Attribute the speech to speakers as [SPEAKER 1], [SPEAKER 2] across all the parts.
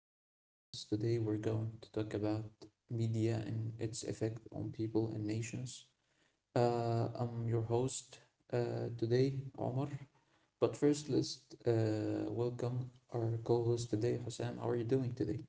[SPEAKER 1] our podcast. Today, we're going to talk about media and its effect on people and nations. I'm your host today, Omar. But first, let's welcome our co host today, Hosam. How are you doing today?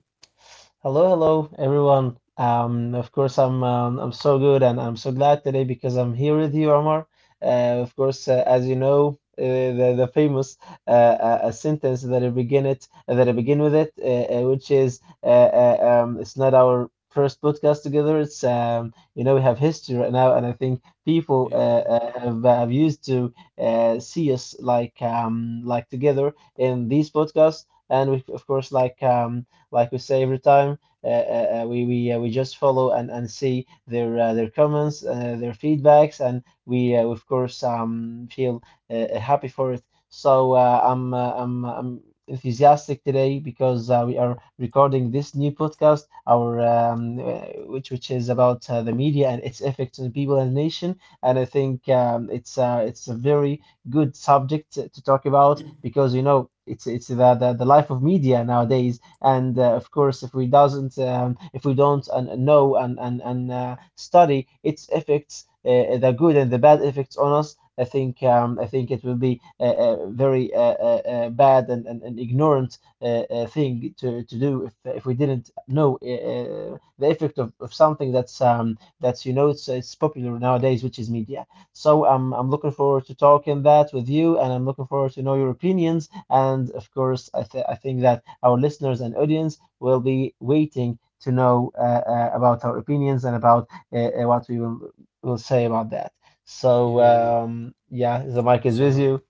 [SPEAKER 2] Hello, hello, everyone. Of course, I'm so good and I'm so glad today because I'm here with you, Omar. Of course, as you know, the famous a sentence that I begin with it, which is it's not our first podcast together. It's you know we have history right now, and I think people
[SPEAKER 1] Yeah,
[SPEAKER 2] have used to see us like together in these podcasts, and we of course like we say every time we just follow and see their comments, their feedbacks, and we of course feel happy for it. So I'm enthusiastic today because we are recording this new podcast, our which is about the media and its effects on people and nation. And I think it's a very good subject to talk about because you know it's the life of media nowadays and of course, if we don't know and study its effects, the good and the bad effects on us, I think it will be a very bad and ignorant thing to do if we didn't know the effect of something that's it's popular nowadays, which is media. So I'm looking forward to talking that with you, and I'm looking forward to know your opinions. And of course, I think that our listeners and audience will be waiting to know about our opinions and about what we will say about that. So,
[SPEAKER 1] yeah.
[SPEAKER 2] yeah, the mic is with
[SPEAKER 1] So,
[SPEAKER 2] you.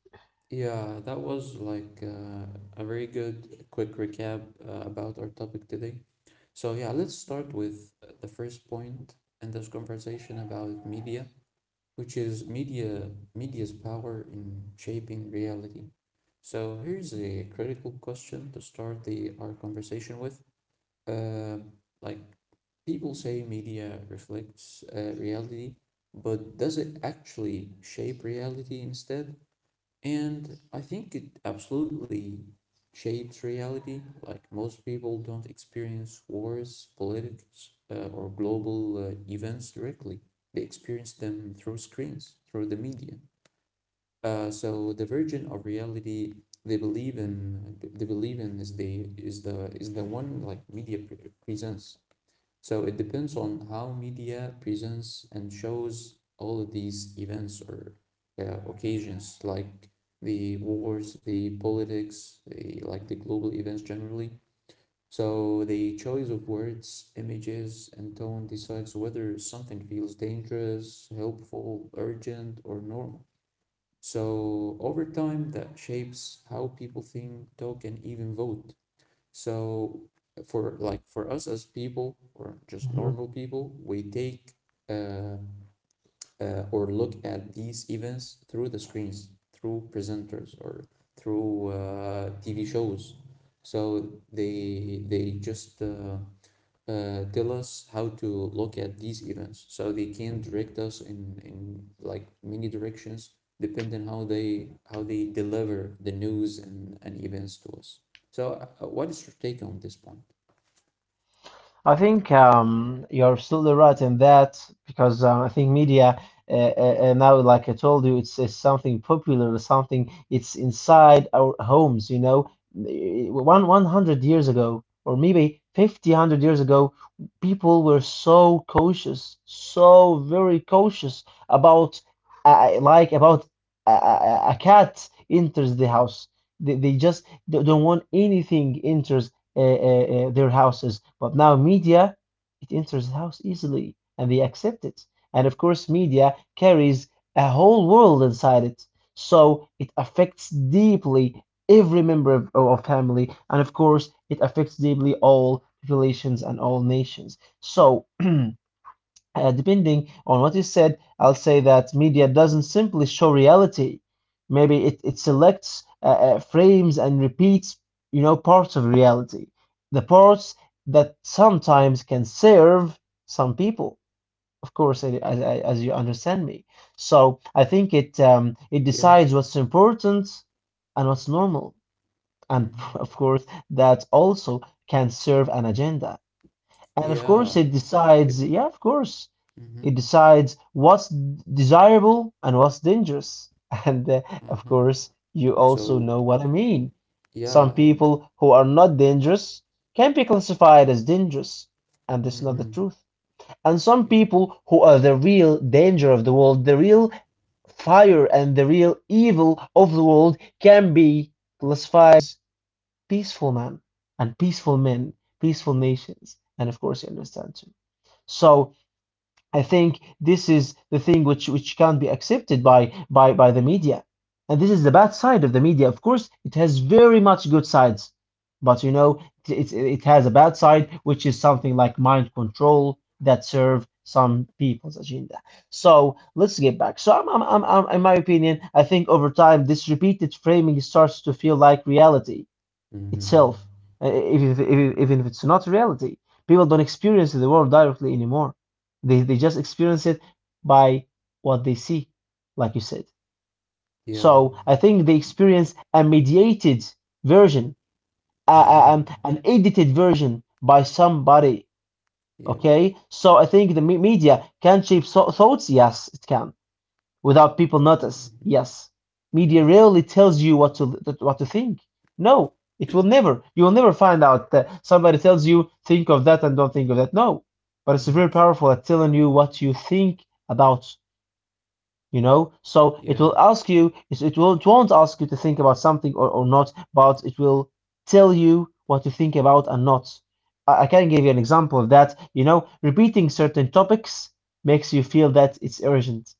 [SPEAKER 1] yeah, that was like a very good quick recap about our topic today. So, yeah, let's start with the first point in this conversation about media, which is media's power in shaping reality. So, here's a critical question to start the our conversation with. Uh, like people say media reflects reality, but does it actually shape reality instead? And I think it absolutely shapes reality. Like most people don't experience wars, politics, or global events directly. They experience them through screens, through the media. So the version of reality they believe in is the one like media presents. So it depends on how media presents and shows all of these events or occasions, like the wars, the politics, like the global events generally. So the choice of words, images, and tone decides whether something feels dangerous, helpful, urgent, or normal. So over time, that shapes how people think, talk, and even vote. So for us as people or just normal people, we take uh, or look at these events through the screens, through presenters or through TV shows. So they just tell us how to look at these events so they can direct us in like many directions depending how they deliver the news and events to us so what is your take on this point?
[SPEAKER 2] I think you're absolutely right in that because I think media now, like I told you, it's something popular, something it's inside our homes. You know, one hundred years ago, or maybe 50, 100 years ago, people were so cautious, so very cautious about like about a cat enters the house. They just don't want anything enters uh, uh, their houses. But now media, it enters the house easily and they accept it. And of course, media carries a whole world inside it. So it affects deeply every member of family. And of course, it affects deeply all populations and all nations. So depending on what is said, I'll say that media doesn't simply show reality. Maybe it selects, frames, and repeats, parts of reality. The parts that sometimes can serve some people, of course, as you understand me. So I think it
[SPEAKER 1] Yeah.
[SPEAKER 2] decides what's important and what's normal, and of
[SPEAKER 1] Mm-hmm.
[SPEAKER 2] course, that also can serve an agenda. And of course,
[SPEAKER 1] Yeah.
[SPEAKER 2] it decides, yeah, of course,
[SPEAKER 1] Mm-hmm.
[SPEAKER 2] it decides what's desirable and what's dangerous. And of
[SPEAKER 1] Mm-hmm.
[SPEAKER 2] course, you also know
[SPEAKER 1] So
[SPEAKER 2] what I mean. Some
[SPEAKER 1] yeah.
[SPEAKER 2] people who are not dangerous can be classified as dangerous, and that's not the
[SPEAKER 1] Mm-hmm.
[SPEAKER 2] truth. And some
[SPEAKER 1] Yeah.
[SPEAKER 2] people who are the real danger of the world, the real fire and the real evil of the world, can be classified as peaceful man and peaceful men, peaceful nations. And of course, you understand too. So I think this is the thing which can't be accepted by the media. And this is the bad side of the media. Of course, it has very much good sides, but you know, it has a bad side, which is something like mind control that serve some people's agenda. So let's get back. So in my opinion, I think over time this repeated framing starts to feel like reality itself,
[SPEAKER 1] Mm-hmm.
[SPEAKER 2] even if it's not reality. People don't experience the world directly anymore. They just experience it by what they see, like you said.
[SPEAKER 1] Yeah.
[SPEAKER 2] So I think they experience a mediated version, a, a- an,
[SPEAKER 1] Mm-hmm.
[SPEAKER 2] an edited version by somebody.
[SPEAKER 1] Yeah.
[SPEAKER 2] Okay, so I think media can shape thoughts. Yes, it can without people notice. Yes, media
[SPEAKER 1] Yeah.
[SPEAKER 2] rarely tells you what to think. No, it will never. You will never find out that somebody tells you think of that and don't think of that. No, but it's very
[SPEAKER 1] Mm.
[SPEAKER 2] powerful at telling you what you think about. You know, so it
[SPEAKER 1] Yeah.
[SPEAKER 2] will ask you. It will. It won't ask you to think about something or not, but it will tell you what to think about and not. I can give you an example of that. You know, repeating certain topics makes you feel that it's urgent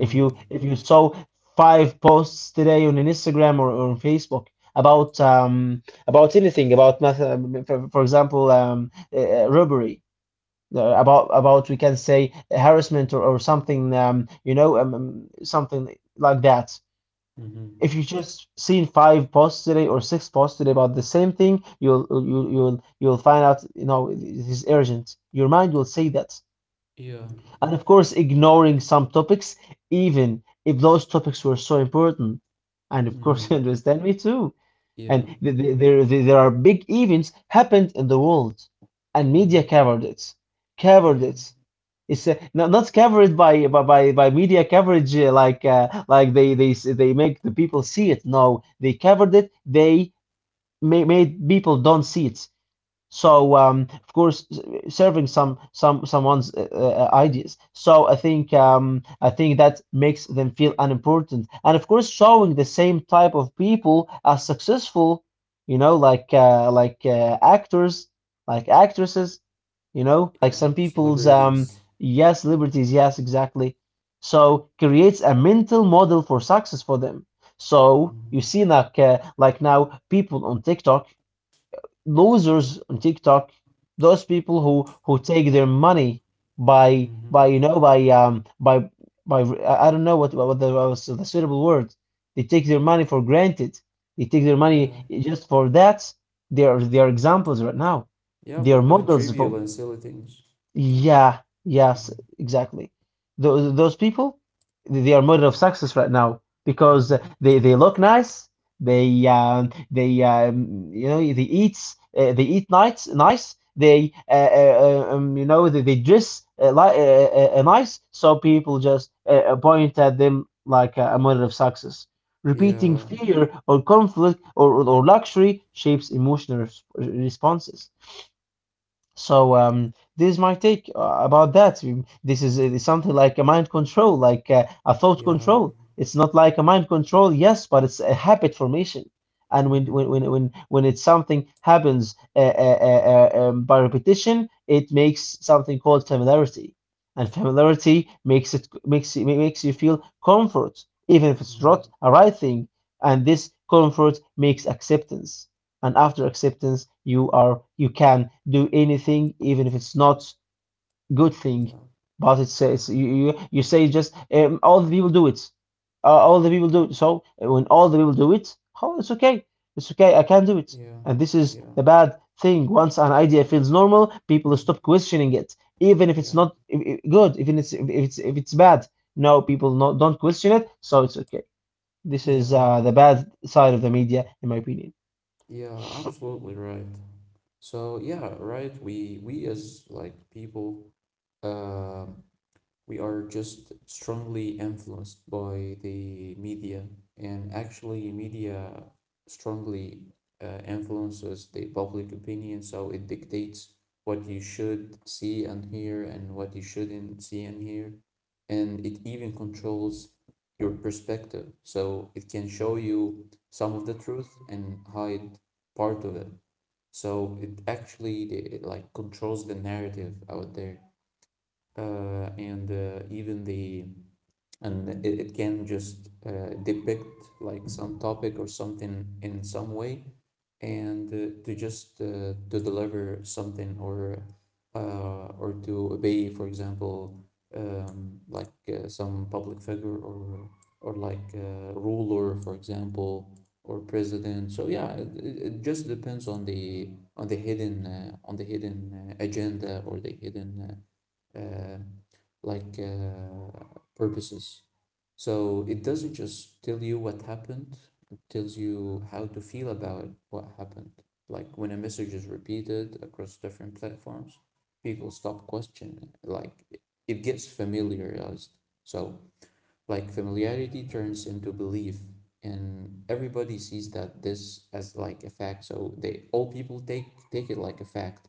[SPEAKER 2] if you saw five posts today on an Instagram or on Facebook about anything about math, for example robbery about we can say harassment or something something like that.
[SPEAKER 1] Mm-hmm.
[SPEAKER 2] If you just seen five posts today or six posts today about the same thing, you'll find out it is urgent. Your mind will say that,
[SPEAKER 1] Yeah.
[SPEAKER 2] and of course ignoring some topics even if those topics were so important, and of course you
[SPEAKER 1] Mm-hmm.
[SPEAKER 2] understand me too. And
[SPEAKER 1] Yeah.
[SPEAKER 2] there are big events happened in the world, and
[SPEAKER 1] Mm-hmm.
[SPEAKER 2] media covered
[SPEAKER 1] Yeah,
[SPEAKER 2] it. It's not covered by media coverage, like like they make the people see it. No, they covered it, made people don't see it, so of course, serving someone's ideas. So I think that makes them feel unimportant, and of course, showing the same type of people as successful, you know, like actors, like actresses, you know, like
[SPEAKER 1] yeah.
[SPEAKER 2] some people's
[SPEAKER 1] Celebrities.
[SPEAKER 2] yes, liberties, yes, exactly. So creates a mental model for success for them. So
[SPEAKER 1] Mhm,
[SPEAKER 2] you see like now people on TikTok, losers on TikTok, those people who take their money by
[SPEAKER 1] mhm.
[SPEAKER 2] you know by I don't know what the, what was the suitable word. They take their money for granted. They take their money just for that. They are examples right now.
[SPEAKER 1] Yeah,
[SPEAKER 2] They are
[SPEAKER 1] but doing
[SPEAKER 2] models for,
[SPEAKER 1] trivial and silly things. Yeah.
[SPEAKER 2] yeah, yes, exactly. Those people, they are model of success right now because
[SPEAKER 1] Mhm.
[SPEAKER 2] they look nice. They, you know, they eat nice, nice. They you know they dress like nice. So people just point at them like a model of success. Repeating
[SPEAKER 1] Yeah,
[SPEAKER 2] fear or conflict or luxury shapes emotional responses. So this is my take about that. This is something like a mind control, like a thought
[SPEAKER 1] yeah.
[SPEAKER 2] control. It's not like a mind control, yes, but it's a habit formation. And when when
[SPEAKER 1] Mm-hmm.
[SPEAKER 2] when when, when it's something happens by repetition, it makes something called familiarity, and familiarity makes you feel comfort, even if it's
[SPEAKER 1] Mm-hmm.
[SPEAKER 2] not a right thing. And this comfort makes acceptance, and after acceptance you can do anything even if it's not good thing,
[SPEAKER 1] Yeah,
[SPEAKER 2] but it says you say just all the people do it, all the people do it. So when all the people do it, oh, it's okay. It's okay, I can do it.
[SPEAKER 1] yeah,
[SPEAKER 2] And this is the bad thing. Once an idea feels normal, people stop questioning it even if it's
[SPEAKER 1] yeah, yeah,
[SPEAKER 2] not good, even if it's bad. No, people not, don't question it, so it's okay. This is
[SPEAKER 1] yeah,
[SPEAKER 2] the bad side of the media, in my opinion.
[SPEAKER 1] yeah, absolutely right. So yeah, right, we as like people um we are just strongly influenced by the media, and actually media strongly influences the public opinion, so it dictates what you should see and hear and what you shouldn't see and hear, and it even controls your perspective, so it can show you some of the truth and hide part of it. So it actually it like controls the narrative out there, and even the and it can just depict like some topic or something in some way and to just to deliver something or to obey, for example, like some public figure or like ruler, for example, or president. So yeah, it just depends on the hidden agenda or the hidden uh, like purposes. So it doesn't just tell you what happened, it tells you how to feel about what happened. Like when a message is repeated across different platforms, people stop questioning. Like, it gets familiarized. So like familiarity turns into belief, and everybody sees that this as like a fact. So they all people take it like a fact,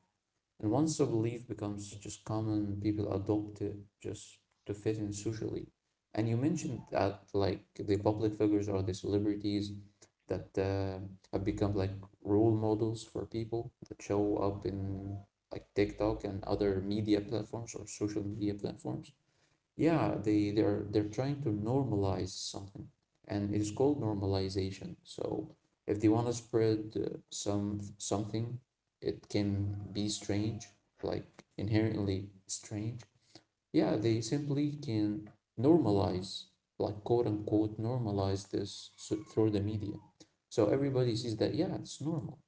[SPEAKER 1] and once the belief becomes just common, people adopt it just to fit in socially. And you mentioned that like the public figures or the celebrities that have become like role models for people that show up in like TikTok and other media platforms or social media platforms. Yeah, they they're trying to normalize something, and it's called normalization. So if they want to spread something, it can be strange, like inherently strange. Yeah, they simply can normalize, like quote unquote, normalize this, so, through the media. So everybody sees that, yeah, it's normal.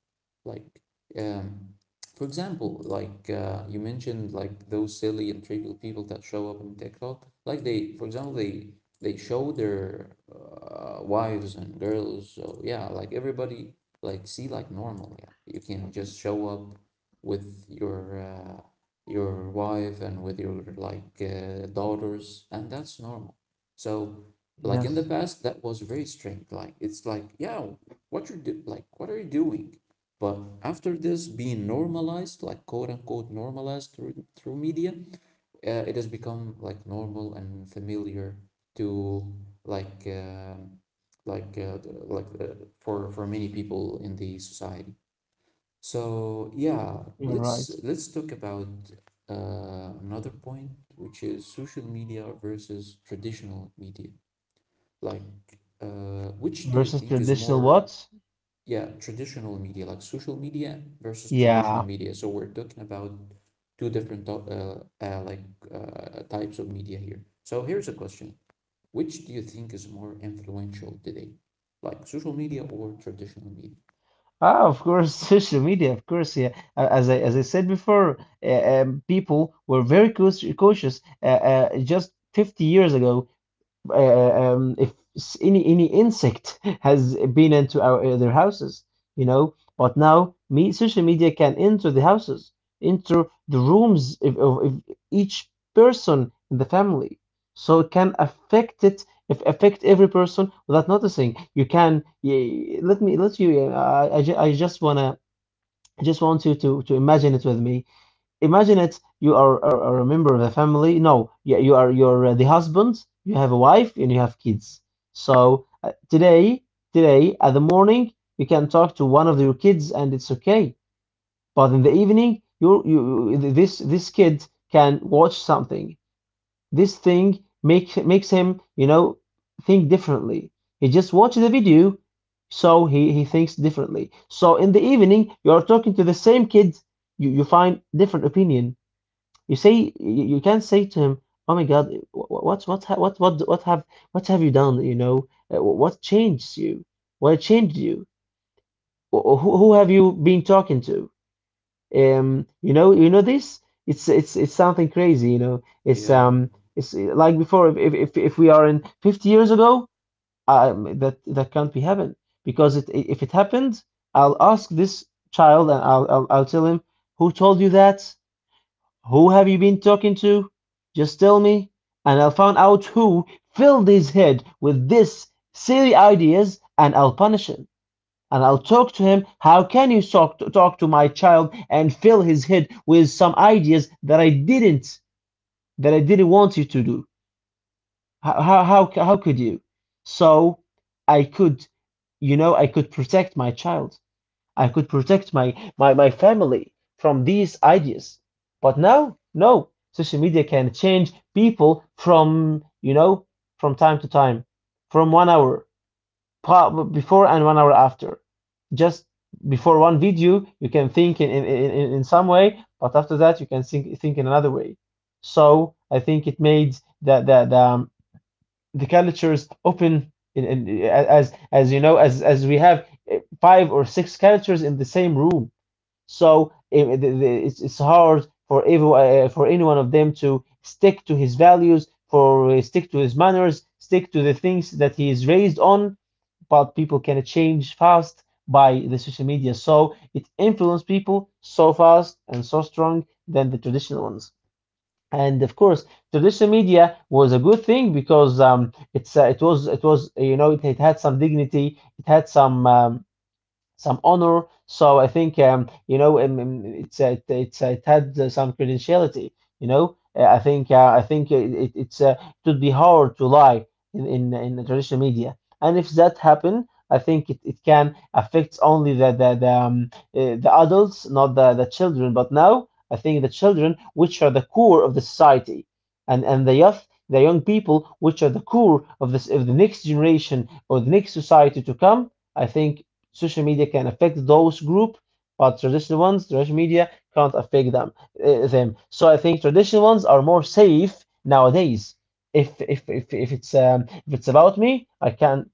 [SPEAKER 1] Like, um, for example, like you mentioned, like those silly and trivial people that show up in TikTok, like they, for example, they show their wives and girls. So yeah, like everybody, like see like normal. Yeah, you can just show up with your wife and with your like daughters, and that's normal. So, like in the
[SPEAKER 2] Yes.
[SPEAKER 1] past, that was very strange. Like it's like, yeah, what are you doing? But after this being normalized, like quote unquote normalized through media, it has become like normal and familiar to like um like uh, like uh, for many people in the society. So yeah,
[SPEAKER 2] You're right.
[SPEAKER 1] let's talk about another point, which is social media versus traditional media. Like, which do you
[SPEAKER 2] Versus
[SPEAKER 1] think is
[SPEAKER 2] traditional
[SPEAKER 1] more,
[SPEAKER 2] what?
[SPEAKER 1] yeah, traditional media, like social media versus traditional
[SPEAKER 2] Yeah.
[SPEAKER 1] media? So we're talking about two different types of media here. So here's a question: Which do you think is more influential today, like social media or traditional media?
[SPEAKER 2] Ah, of course, social media, of course, yeah. As I said before, people were very cautious just 50 years ago. If any insect has been into our their houses, you know. But now, me social media can enter the houses, enter the rooms of each person in the family, so it can affect it. If affect every person without noticing, you can. Y let me let you. I just wanna. I just want you to imagine it with me. Imagine it, you are a member of the family. No, you're the husband, you have a wife, and you have kids. Today, today at the morning, you can talk to one of your kids, and it's okay. But in the evening, you this this kid can watch something. This thing makes him, think differently. He just watches the video, so he thinks differently. So in the evening, you are talking to the same kid, you find different opinion. You say you can't say to him, "Oh my God, what ha- what have you done? What changed you? What changed you? Who have you been talking to? You know this. It's something crazy. It's
[SPEAKER 1] Yeah,
[SPEAKER 2] um it's like before. If we are in 50 years ago, that can't be happened because if it happened, I'll ask this child and I'll tell him who told you that, who have you been talking to? Just tell me, and I'll find out who filled his head with this silly ideas, and I'll punish him. And I'll talk to him. How can you talk to, talk to my child and fill his head with some ideas that I didn't, that I didn't want you to do? How could you? So I could, I could protect my child. I could protect my family from these ideas. But now, no. Social media can change people from, from time to time, from 1 hour before and 1 hour after. Just before one video, you can think in some way, but after that, you can think in another way. So I think it made the, the, the, um, the culture open in as you know as we have five or six cultures in the same room. So it's hard for every for any one of them to stick to his values, for stick to his manners, stick to the things that he is raised on. But people can change fast by the social media, so it influences people so fast and so strong than the traditional ones. And of course traditional media was a good thing because it was, it was, you know, it had some dignity, it had some honor. So I think you know, it had some credentiality. I think it would be hard to lie in the traditional media. And if that happen, I think it can affect only the adults, not the children. But now I think the children, which are the core of the society, and the youth. The young people, which are the core of this, of the next generation or the next society to come, I think social media can affect those group, but traditional ones, traditional media can't affect them. Them. So I think traditional ones are more safe nowadays. If it's about me, I can,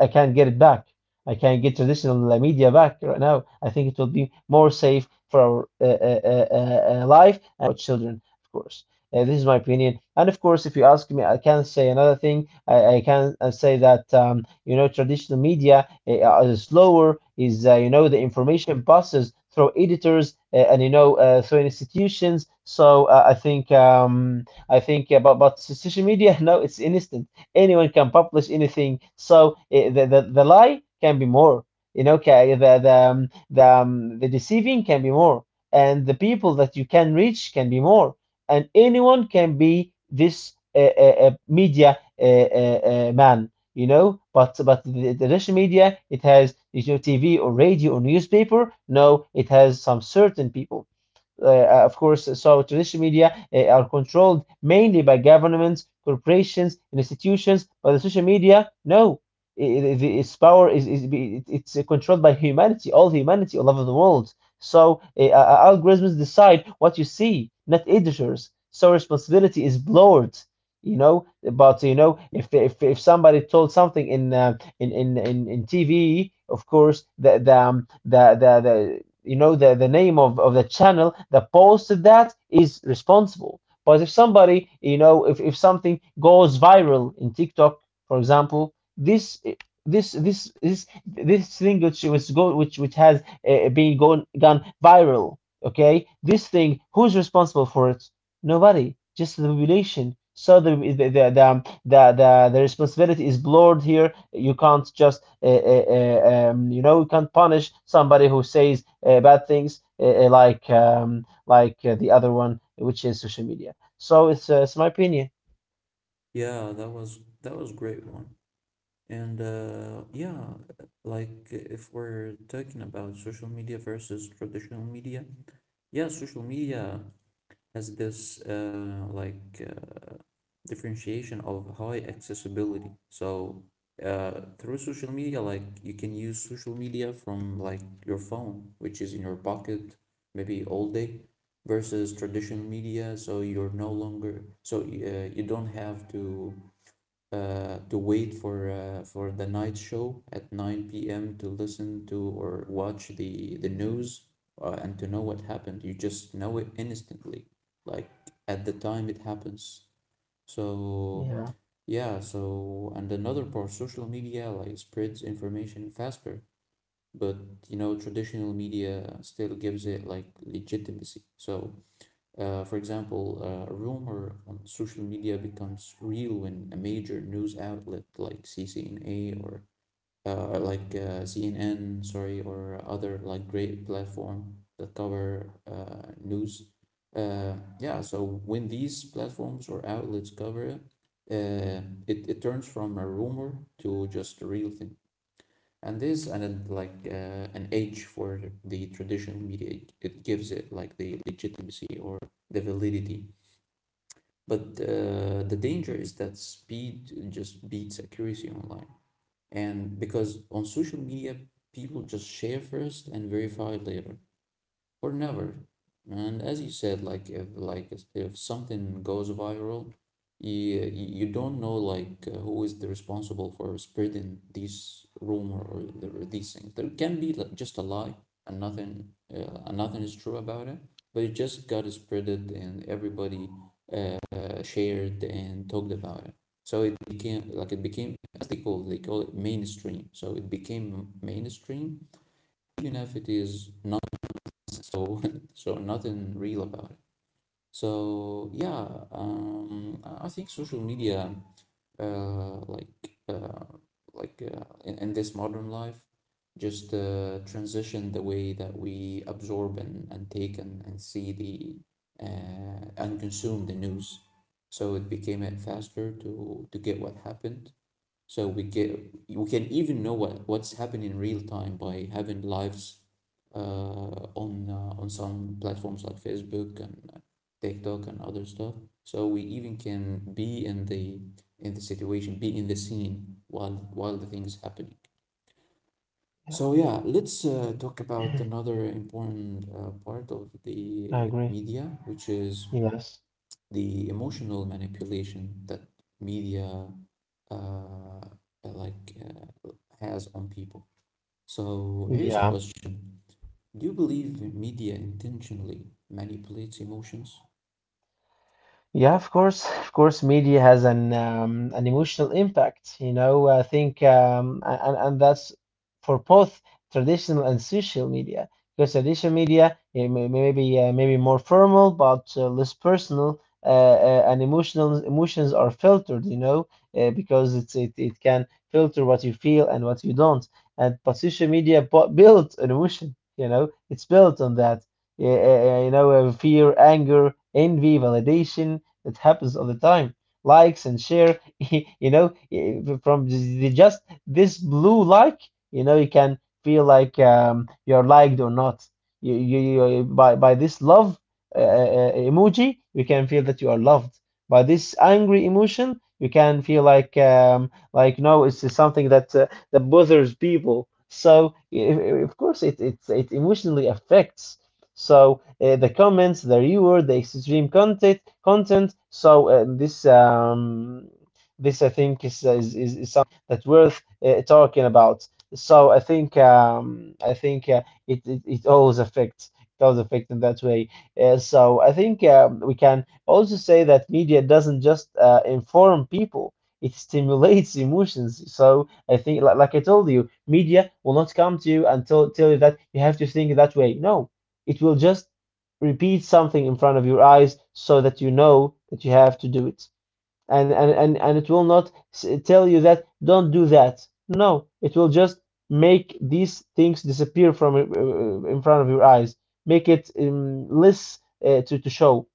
[SPEAKER 2] I can't get it back. I can't get traditional media back right now. I think it will be more safe for our life and our children, of course. This is my opinion. And of course, if you ask me, I can say another thing. I can say that you know, traditional media is slower. Is you know, the information passes through editors and you know through institutions. So I think about, but social media. No, it's instant, anyone can publish anything. So the lie can be more, you know, the deceiving can be more, and the people that you can reach can be more, and anyone can be this media man. You know, but the media, it has, you know, TV or radio or newspaper. No, it has some certain people, of course. So traditional media are controlled mainly by governments, corporations, and institutions, but the social media, no. Its power is it's controlled by humanity all over the world. So algorithms decide what you see, not editors. So responsibility is blurred, you know. But you know, if somebody told something in in TV, of course, the, you know, the name of the channel that posted that is responsible. But if somebody, you know, if something goes viral in TikTok, for example, this thing which go which has been gone viral, okay, this thing, who's responsible for it? Nobody, just the population. So the responsibility is blurred here. You can't just you know, you can't punish somebody who says bad things like the other one, which is social media. So it's my opinion.
[SPEAKER 1] yeah, that was great one. And yeah, like if we're talking about social media versus traditional media, yeah, social media has this uh, differentiation of high accessibility. So through social media, like you can use social media from like your phone, which is in your pocket maybe all day, versus traditional media. So you're no longer so you don't have to wait for the night show at 9 p.m. to listen to or watch the news and to know what happened. You just know it instantly, like at the time it happens. So
[SPEAKER 2] Yeah,
[SPEAKER 1] yeah, so and another part, social media like spreads information faster, but you know, traditional media still gives it like legitimacy. So for example, a rumor on social media becomes real when a major news outlet like CCNA or CNN, sorry, or other like great platform that cover news. Uh, yeah, so when these platforms or outlets cover it, uh, it turns from a rumor to just a real thing. And this and then, like an edge for the traditional media, it gives it like the legitimacy or the validity, but the danger is that speed just beats accuracy online. And because on social media, people just share first and verify later or never. And as you said, like if something goes viral, you you don't know like who is the responsible for spreading these rumor or the, or these things. There can be like just a lie and nothing is true about it, but it just got spreaded and everybody shared and talked about it. So it became like it became as they call it mainstream. So it became mainstream, even if it is not so so nothing real about it so yeah I think social media uh like uh in this modern life just transition the way that we absorb and take and see the and consume the news, so it became faster to get what happened, so we get we can even know what what's happening in real time by having lives on on some platforms like Facebook and TikTok and other stuff. So we even can be in the situation, be in the scene while the thing is happening.
[SPEAKER 2] yeah,
[SPEAKER 1] So yeah, let's talk about another important part of
[SPEAKER 2] I
[SPEAKER 1] the
[SPEAKER 2] agree.
[SPEAKER 1] media, which is
[SPEAKER 2] Yes,
[SPEAKER 1] the emotional manipulation that media uh, like uh, has on people. So here's a
[SPEAKER 2] yeah.
[SPEAKER 1] question: Do you believe media intentionally manipulates emotions?
[SPEAKER 2] Yeah, of course, media has an emotional impact. You know, I think, and that's for both traditional and social media. Because traditional media it maybe maybe more formal, but less personal, and emotional emotions are filtered. You know, because it can filter what you feel and what you don't. And but social media bu built an emotion. You know, it's built on that. Yeah, you know, fear, anger, envy, validation, it happens all the time. Likes and share, you know, from the- just this blue like, you know, you can feel like you're liked or not. You by this love emoji, you can feel that you are loved. By this angry emotion, you can feel like no, it's just something that that bothers people. So of course, it emotionally affects. So the comments, the reward, the extreme content. So this I think is something that's worth talking about. So I think it it always affects, it always affects in that way. So I think we can also say that media doesn't just inform people; it stimulates emotions. So I think, like I told you, media will not come to you and tell you that you have to think that way. No, it will just repeat something in front of your eyes so that you know that you have to do it. And it will not tell you that don't do that. No, it will just make these things disappear from in front of your eyes, make it less to show.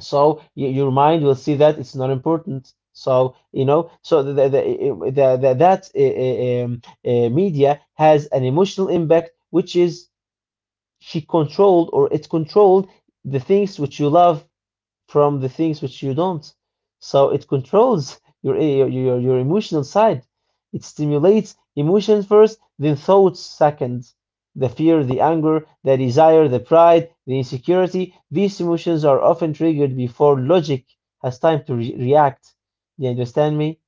[SPEAKER 2] So your mind will see that it's not important. So you know, so the that media has an emotional impact, which is she controlled or it controlled the things which you love from the things which you don't. So it controls your emotional side. It stimulates emotions first, then thoughts second. The fear, the anger, the desire, the pride, the insecurity, these emotions are often triggered before logic has time to react. Do you understand me?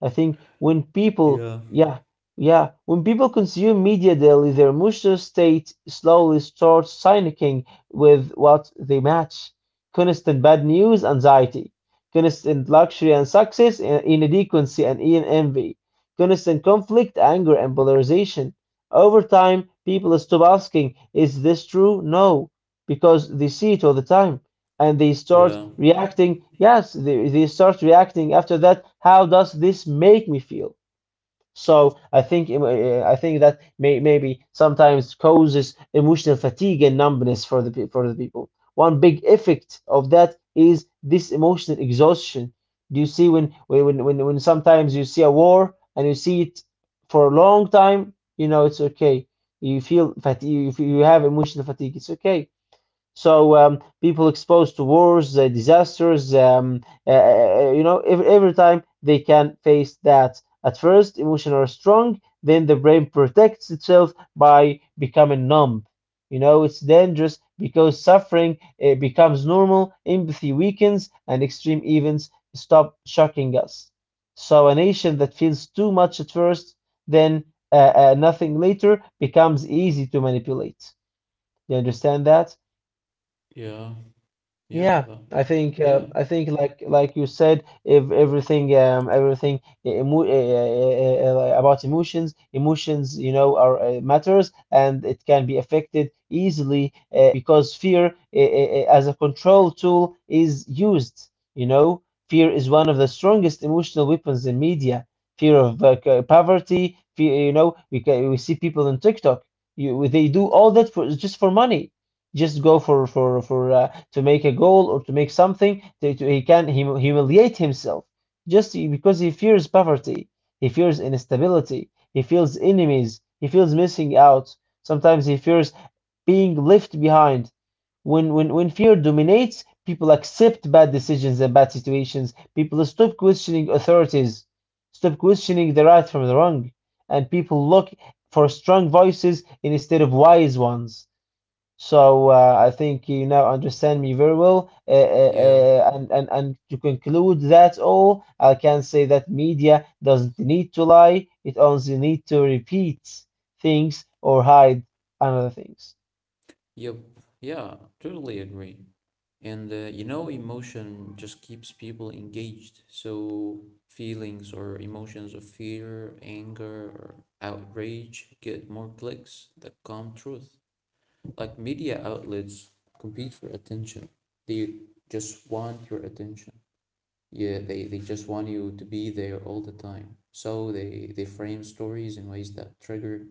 [SPEAKER 2] I think when people,
[SPEAKER 1] Yeah,
[SPEAKER 2] yeah, yeah, when people consume media daily, their emotional state slowly starts syncing with what they match. Constant bad news, anxiety. Constant luxury and success, and inadequacy and envy. Constant conflict, anger, and polarization. Over time, people stop asking, is this true? No, because they see it all the time and they start
[SPEAKER 1] yeah,
[SPEAKER 2] reacting. Yes, they start reacting after that. How does this make me feel? So I think that maybe sometimes causes emotional fatigue and numbness for the for the people. One big effect of that is this emotional exhaustion. Do you see when sometimes you see a war and you see it for a long time, you know it's okay. You feel fatigue. You feel- you have emotional fatigue. It's okay. So people exposed to wars, disasters, you know, every time they can face that. At first, emotions are strong, then the brain protects itself by becoming numb. You know, it's dangerous because suffering becomes normal, empathy weakens, and extreme events stop shocking us. So a nation that feels too much at first, then nothing later, becomes easy to manipulate. You understand that?
[SPEAKER 1] yeah, yeah,
[SPEAKER 2] Yeah,
[SPEAKER 1] no, yeah,
[SPEAKER 2] I think like you said, if everything e- emo about emotions, you know are matters, and it can be affected easily because fear as a control tool is used. You know, fear is one of the strongest emotional weapons in media. Fear of poverty, fear, you know, we ca we see people on TikTok. They do all that for just for money, just go for to make a goal or to make something he can humiliate himself, just because he fears poverty, he fears instability, he feels enemies, he feels missing out, sometimes he fears being left behind. When fear dominates, people accept bad decisions and bad situations. People stop questioning authorities, stop questioning the right from the wrong, and people look for strong voices instead of wise ones. So I think you now understand me very well.
[SPEAKER 1] yeah,
[SPEAKER 2] And to conclude that all, I can say that media doesn't need to lie; it only need to repeat things or hide another things.
[SPEAKER 1] yep, yeah, totally agree. And you know, emotion just keeps people engaged. So feelings or emotions of fear, anger, or outrage get more clicks that calm truth. Like media outlets compete for attention. They just want your attention. Yeah, they just want you to be there all the time. So they frame stories in ways that trigger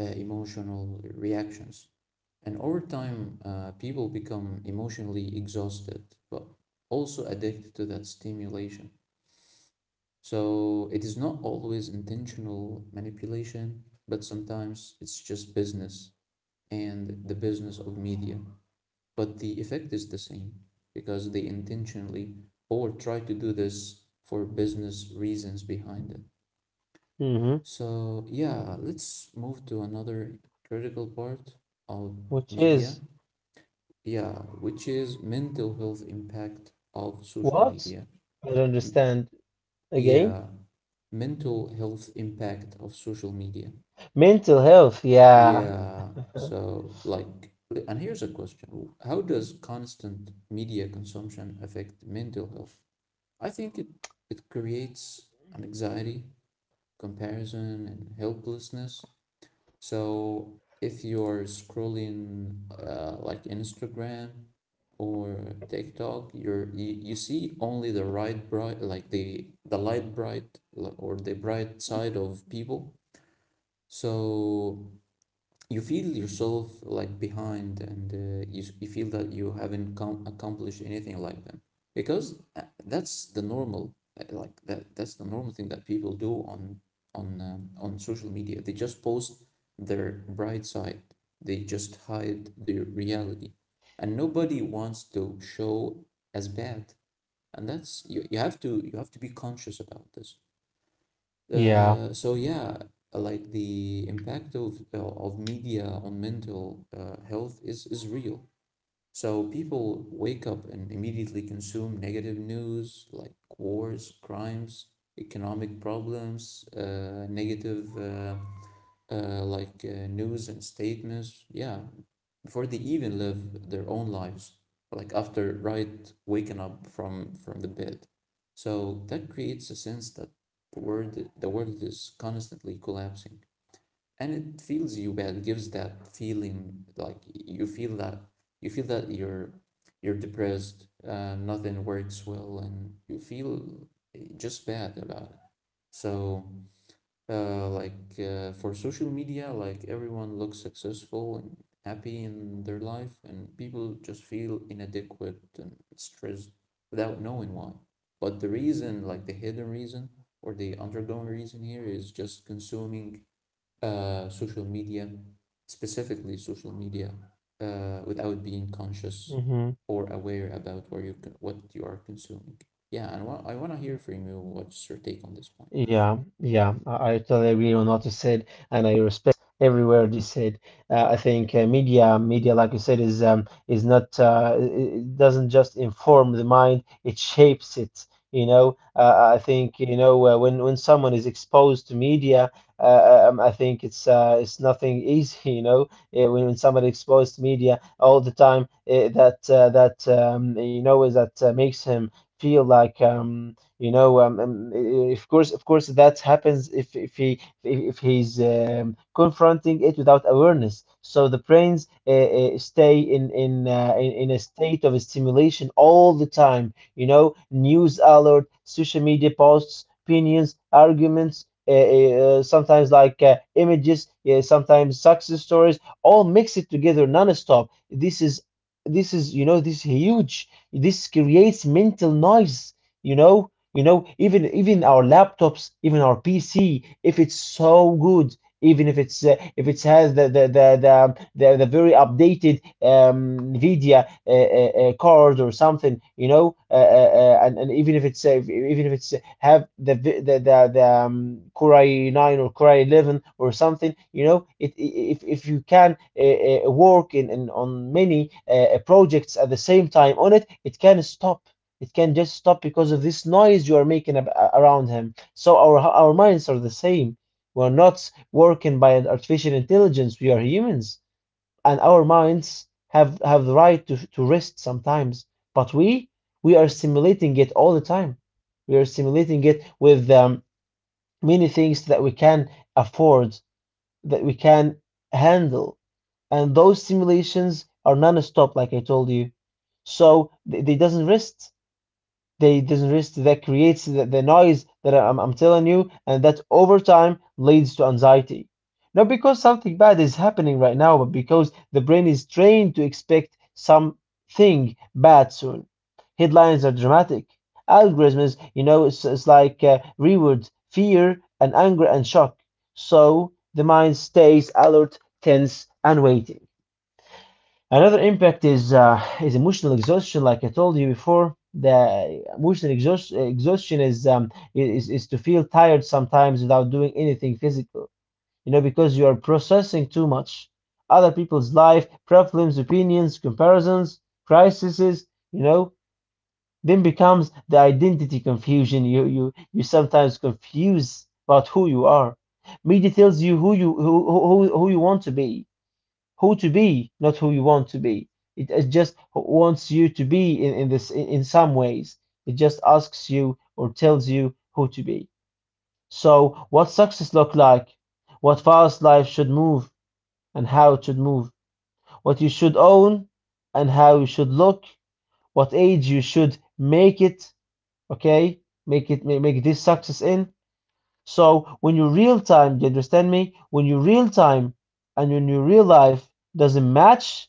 [SPEAKER 1] emotional reactions. And over time, people become emotionally exhausted, but also addicted to that stimulation. So it is not always intentional manipulation, but sometimes it's just business and the business of media, but the effect is the same because they intentionally or try to do this for business reasons behind it.
[SPEAKER 2] Hmm.
[SPEAKER 1] So, yeah, let's move to another critical part of
[SPEAKER 2] Which
[SPEAKER 1] media.
[SPEAKER 2] is
[SPEAKER 1] Yeah, which is mental health impact of social
[SPEAKER 2] what?
[SPEAKER 1] media.
[SPEAKER 2] I don't understand again.
[SPEAKER 1] Yeah, mental health impact of social media.
[SPEAKER 2] Mental health, yeah.
[SPEAKER 1] Yeah, so like, and here's a question. How does constant media consumption affect mental health? I think it creates an anxiety, comparison, and helplessness. So if you're scrolling like Instagram or TikTok, you see only the right bright like the light bright or the bright side of people. So you feel yourself like behind and you feel that you haven't accomplished anything like them because that's the normal that's the normal thing that people do on social media. They just post their bright side, they just hide their reality, and nobody wants to show as bad. And that's, you have to be conscious about this.
[SPEAKER 2] Yeah.
[SPEAKER 1] So yeah, like the impact of media on mental health is real. So people wake up and immediately consume negative news like wars, crimes, economic problems, negative news and statements. Yeah, before they even live their own lives, like after right waking up from the bed. So that creates a sense that the world is constantly collapsing, and it feels you bad. It gives that feeling like you feel that you feel that you're you're depressed, nothing works well, and you feel just bad about it. So for social media, like everyone looks successful and happy in their life, and people just feel inadequate and stressed without knowing why. But the reason, like the hidden reason or the undergoing reason here, is just consuming social media, specifically social media, without being conscious
[SPEAKER 2] Hmm.
[SPEAKER 1] or aware about what you are consuming. Yeah, and I want to hear from you what's your take on this point.
[SPEAKER 2] Yeah, yeah, I totally agree on what you said, and I respect every word you said. I think media, like you said, is not it doesn't just inform the mind; it shapes it. You know, I think you know when someone is exposed to media, I think it's nothing easy. You know, when somebody exposed to media all the time, that that you know is that makes him feel like. You know, of course, that happens if he's confronting it without awareness. So the brains stay in a state of stimulation all the time. You know, news alert, social media posts, opinions, arguments. Sometimes like images, yeah, sometimes success stories, all mix it together non-stop. This is, you know, this huge. This creates mental noise, you know, you know, even even our laptops, even our PC, if it's so good, even if it's if it has the very updated NVIDIA card or something, you know, and even if it's have the Core i9 or Core i11 or something, you know, it, if you can work in on many projects at the same time on it, it can stop, it can just stop because of this noise you are making ab around him. So our minds are the same. We're not working by an artificial intelligence. We are humans, and our minds have the right to rest sometimes. But we are stimulating it all the time. We are stimulating it with many things that we can afford, that we can handle, and those stimulations are non-stop, like I told you. So they doesn't rest, they disrest. That creates the noise that I'm telling you, and that over time leads to anxiety, not because something bad is happening right now but because the brain is trained to expect something bad soon. Headlines are dramatic, algorithms, you know, it's like reward fear and anger and shock, so the mind stays alert, tense, and waiting. Another impact is emotional exhaustion. Like I told you before, the exhaustion is to feel tired sometimes without doing anything physical. You know, because you are processing too much, other people's life, problems, opinions, comparisons, crises. You know, then becomes the identity confusion. You sometimes confuse about who you are. Media tells you who you want to be, who to be, not who you want to be. It just wants you to be some ways. It just asks you or tells you who to be. So what success look like, what fast life should move and how it should move, what you should own and how you should look, what age you should make it, okay? Make it, make this success in. So when you real time, do you understand me? When you real time and when your real life doesn't match,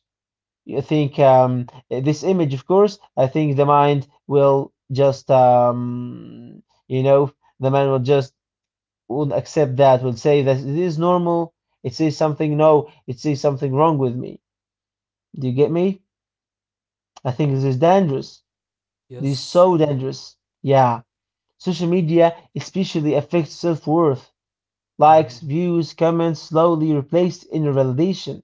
[SPEAKER 2] you think this image, of course, I think the mind will just, you know, the mind will just won't accept that, will say that it is normal. It says something, no, it says something wrong with me. Do you get me? I think this is dangerous. This is
[SPEAKER 1] Yes.
[SPEAKER 2] so dangerous. Yeah. Social media especially affects self-worth. Likes, views, comments slowly replace inner validation.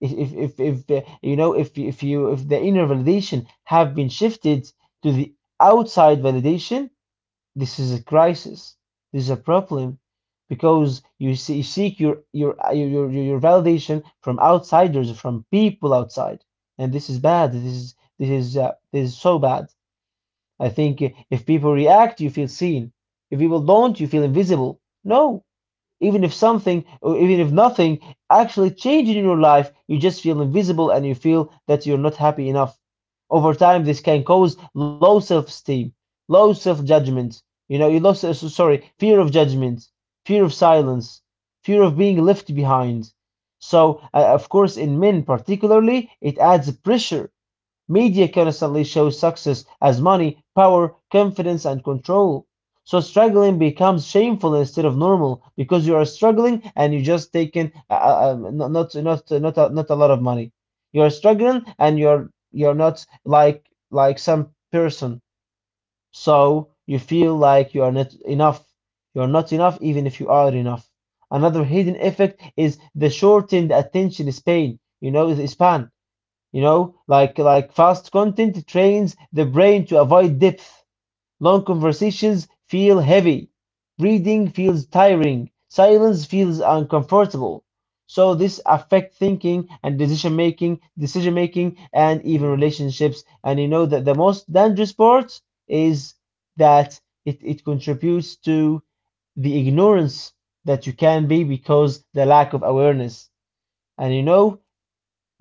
[SPEAKER 2] If the, you know, if the inner validation have been shifted to the outside validation, this is a crisis. This is a problem, because you, see, you seek your validation from outsiders, from people outside, and this is bad. This is so bad. I think if people react, you feel seen. If people don't, you feel invisible. No, even if something, or even if nothing actually changes in your life, you just feel invisible and you feel that you're not happy enough. Over time, this can cause low self-esteem, low self-judgment, you know, you low so- so- sorry, fear of judgment, fear of silence, fear of being left behind. So of course, in men particularly, it adds pressure. Media constantly shows success as money, power, confidence, and control. So struggling becomes shameful instead of normal, because you are struggling and you just taking not a, not a lot of money. You are struggling and you're not like some person. So you feel like you are not enough. You're not enough even if you are enough. Another hidden effect is the shortened attention span. You know, the span, you know, like fast content trains the brain to avoid depth. Long conversations feel heavy. Reading feels tiring. Silence feels uncomfortable. So this affect thinking and decision making and even
[SPEAKER 1] Yeah,
[SPEAKER 2] relationships. And you know that the most dangerous part is that it contributes to the ignorance that you can be because the lack of awareness. And you know,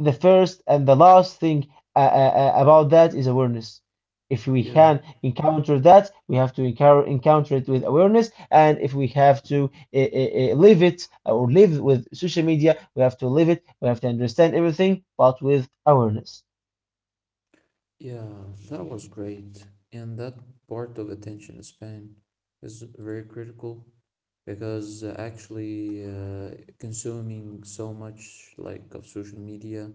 [SPEAKER 2] the first and the last thing uh, uh, about that is awareness. If we
[SPEAKER 1] yeah,
[SPEAKER 2] can encounter that, we have to encounter it with awareness. And if we have to live it or live with social media, we have to live it. We have to understand everything, but with awareness.
[SPEAKER 1] yeah, that was great. And that part of attention span is very critical because actually consuming so much like of social media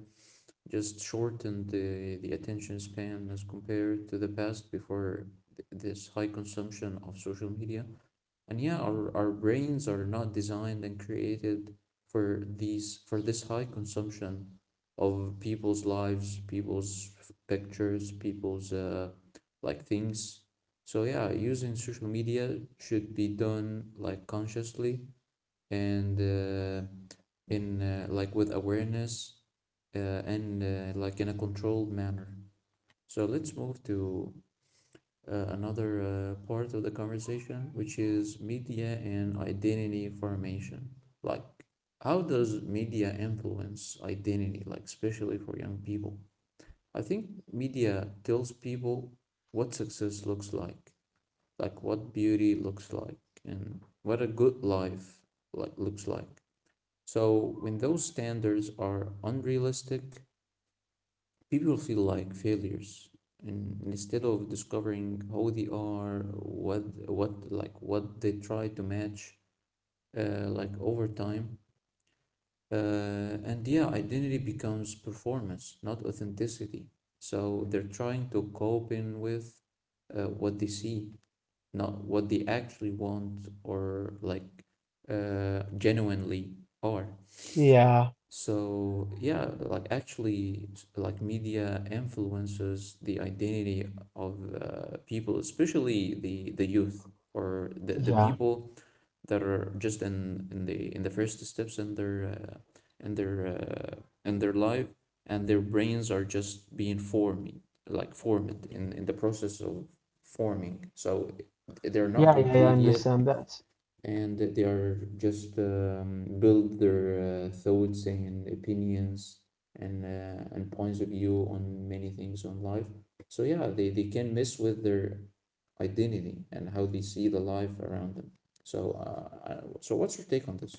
[SPEAKER 1] just shortened the attention span as compared to the past before this high consumption of social media. And yeah, our brains are not designed and created for these for this high consumption of people's lives, people's pictures, people's things. So yeah, using social media should be done like consciously and in like with awareness, uh, and in a controlled manner. So let's move to another part of the conversation, which is media and identity formation. Like, how does media influence identity, like, especially for young people? I think media tells people what success looks like, what beauty looks like, and what a good life looks like. So when those standards are unrealistic, people feel like failures, and instead of discovering how they are, what they try to match like over time. And yeah, identity becomes performance, not authenticity. So they're trying to cope in with what they see, not what they actually want or like genuinely are.
[SPEAKER 2] Yeah,
[SPEAKER 1] So yeah, like actually, like media influences the identity of people, especially the youth or the
[SPEAKER 2] yeah,
[SPEAKER 1] people that are just in the first steps in their in their in their life, and their brains are just being formed, like formed in the process of forming. So they're not
[SPEAKER 2] yeah, yeah, yeah, I
[SPEAKER 1] complete,
[SPEAKER 2] understand that.
[SPEAKER 1] and they are just build their thoughts and opinions and points of view on many things on life. So yeah, they can mess with their identity and how they see the life around them. So so what's your take on this?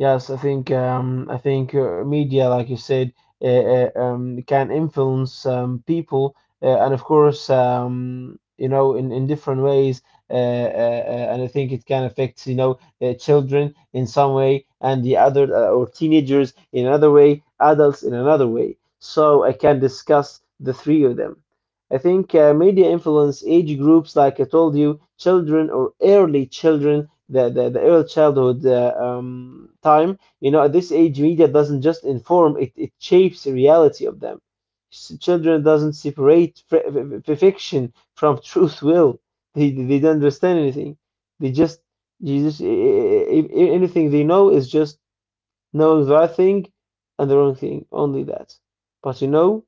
[SPEAKER 2] Yes, I think media, like you said, can influence people, and of course, you know, in different ways. And I think it can affect, you know, children in some way, and the other, or teenagers in another way, adults in another way. So I can discuss the three of them. I think media influence age groups, like I told you, children, or early children, the the early childhood time. You know, at this age, media doesn't just inform; it shapes the reality of them. Children doesn't separate fiction from truth. Will they? They don't understand anything. They just, you just anything they know is just knowing the right thing and the wrong thing. Only that. But you know.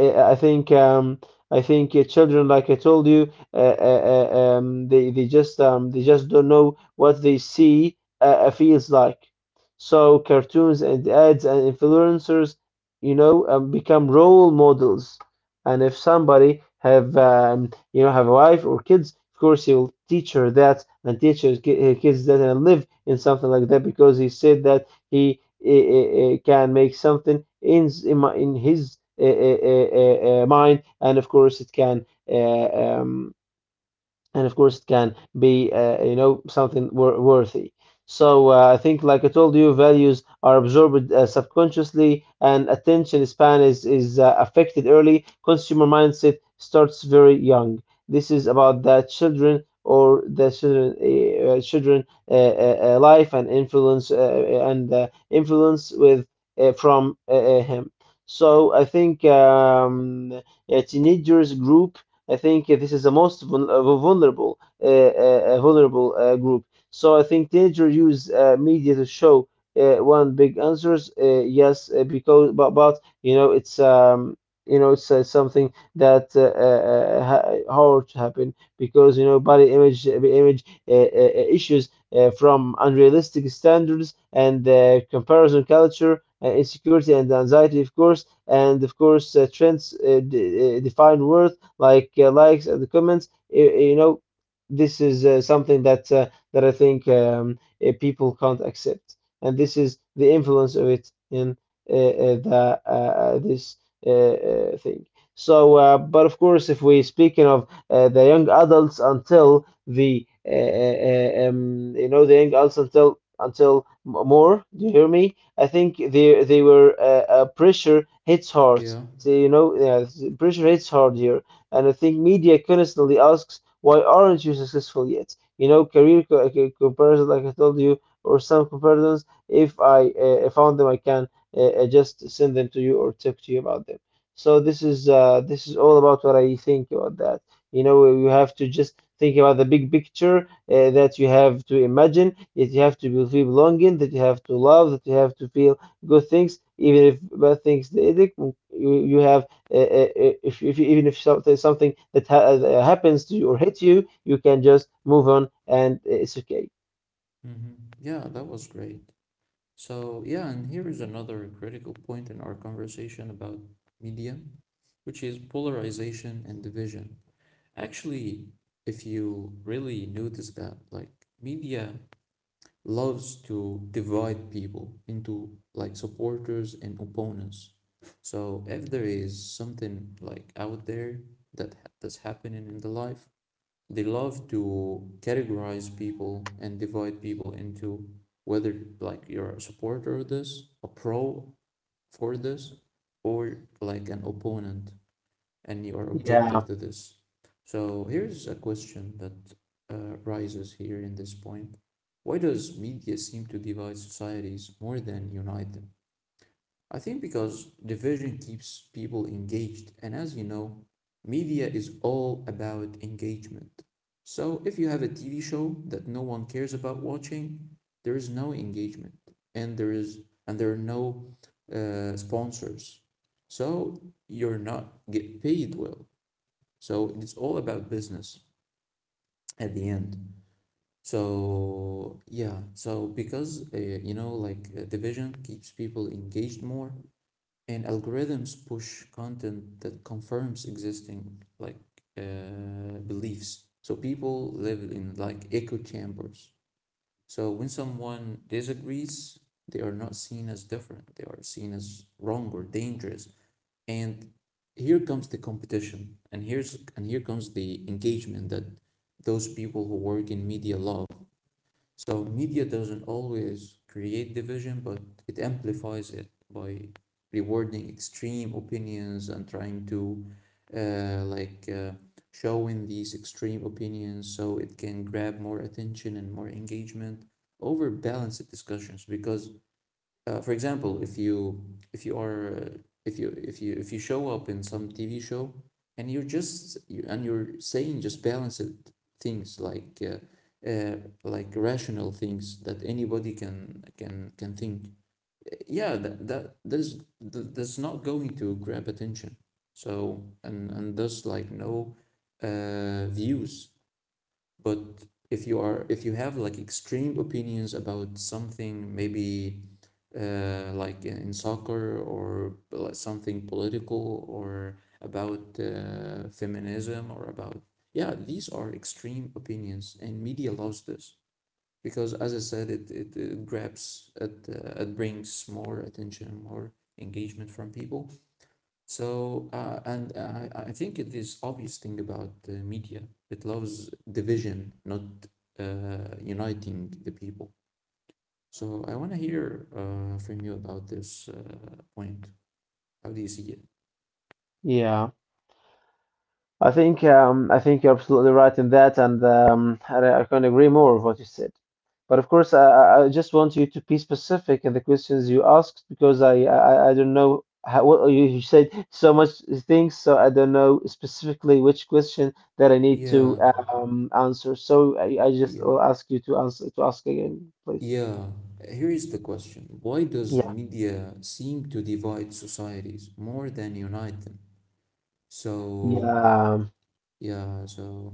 [SPEAKER 2] I think I think children, like I told you, they just don't know what they see feels like. So cartoons and ads and influencers, you know, become role models. And if somebody have you know, have a wife or kids, of course he will teach her that and teach his his kids that and live in something like that because he said that he uh, uh, can make something in his mind, and of course it can. And of course it can be something worthy. So I think, like I told you, values are absorbed subconsciously, and attention span is affected. Early consumer mindset starts very young. This is about the children, or the children children life and influence, and influence with from him. So I think, a teenagers group. I think this is the most vulnerable, vulnerable group. So I think teenagers use media to show one big answers. Yes, because but you know, it's something that hard to happen, because, you know, body image, image issues, from unrealistic standards, and comparison culture, insecurity and anxiety, of course, and of course trends define worth, like likes and the comments. You know, this is something that I think, people can't accept, and this is the influence of it in the this uh, thing. So, but of course, if we're speaking of the young adults until the you know, the young adults until more, do you hear me? I think they were pressure hits hard.
[SPEAKER 1] Yeah.
[SPEAKER 2] So you know, yeah, pressure hits hard here. And I think media constantly asks, why aren't you successful yet? You know, okay, comparison, like I told you, or some comparisons. If I found them, I can just send them to you or talk to you about them. So this is all about what I think about that. You know, you have to just think about the big picture, that you have to imagine, that you have to feel belonging, that you have to love, that you have to feel good things. Even if bad things they exist, you have, uh, uh, if even if something that ha happens to you or hits you, you can just move on, and it's okay.
[SPEAKER 1] Mm-hmm. Yeah, that was great. So, yeah, and here is another critical point in our conversation about media, which is polarization and division. Actually, if you really notice that, like, media loves to divide people into like supporters and opponents. So if there is something like out there that that's happening in the life, they love to categorize people and divide people into whether like you're a supporter of this, a pro for this, or like an opponent, and you are objective
[SPEAKER 2] Yeah,
[SPEAKER 1] to this. So here's a question that rises here in this point. Why does media seem to divide societies more than unite them? I think because division keeps people engaged, and as you know, media is all about engagement. So if you have a TV show that no one cares about watching, there is no engagement, and there is and there are no sponsors. So you're not get paid well. So it's all about business at the end. So yeah, so because division keeps people engaged more, and algorithms push content that confirms existing beliefs. So people live in like echo chambers. So when someone disagrees, they are not seen as different. They are seen as wrong or dangerous, and here comes the competition, and here comes the engagement that those people who work in media love. So media doesn't always create division, but it amplifies it by rewarding extreme opinions and trying to uh, like uh, showing these extreme opinions so it can grab more attention and more engagement over balanced discussions. Because for example, if you if you are uh, if you show up in some TV show and you're just you, and you're saying just balanced things like rational things that anybody can can think. Yeah, that that's not going to grab attention. So, and thus, like, no views. But if you have like extreme opinions about something, maybe like in soccer or like something political or about feminism or about, yeah, these are extreme opinions, and media loves this because, as I said, it grabs it, it brings more attention, more engagement from people. So and I think it is obvious thing about media, it loves division, not uniting the people. So I want to hear from you about this point. How do you see it?
[SPEAKER 2] yeah. I think you're absolutely right in that, and I can agree more with what you said. But of course, I just want you to be specific in the questions you asked, because I don't know how what you said so much things, so I don't know specifically which question that I need to answer. So I just
[SPEAKER 1] Yeah.
[SPEAKER 2] will ask you to answer to ask again, please.
[SPEAKER 1] Yeah. Here is the question. Why does
[SPEAKER 2] Yeah.
[SPEAKER 1] yeah seem to divide societies more than unite them? So
[SPEAKER 2] Yeah.
[SPEAKER 1] yeah, so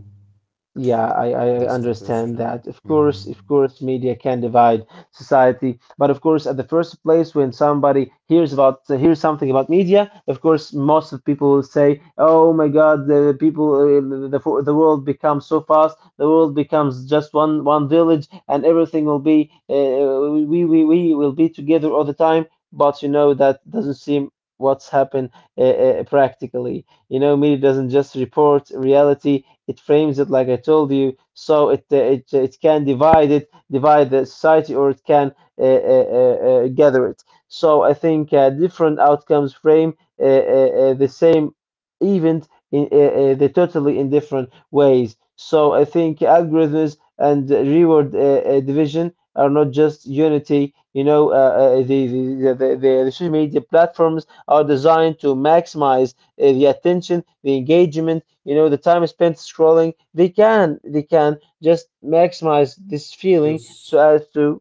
[SPEAKER 2] Yeah, I
[SPEAKER 1] that's the-
[SPEAKER 2] understand that. Of course, media can divide society. But of course, at the first place, when somebody hears something about media, of course, most of people will say, "Oh my God, the people, the world becomes so fast. The world becomes just one village, and everything will be, we will be together all the time." But you know that doesn't seem what's happened practically. You know, media doesn't just report reality, it frames it, like I told you. So it can divide it, divide the society, or it can uh, uh, uh, gather it. So I think different outcomes frame the same event in, the totally in different ways. So I think algorithms and reward division are not just unity. You know, the social media platforms are designed to maximize the attention, the engagement, you know, the time spent scrolling. They can just maximize this feeling so
[SPEAKER 1] yes.
[SPEAKER 2] as to.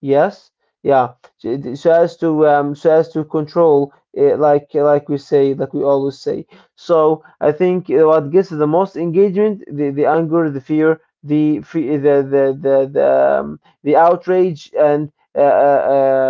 [SPEAKER 2] Yes, yeah. So as to control it, like we say, like we always say. So I think what gets the most engagement, the anger, the fear, the fe- the outrage, and uh, uh,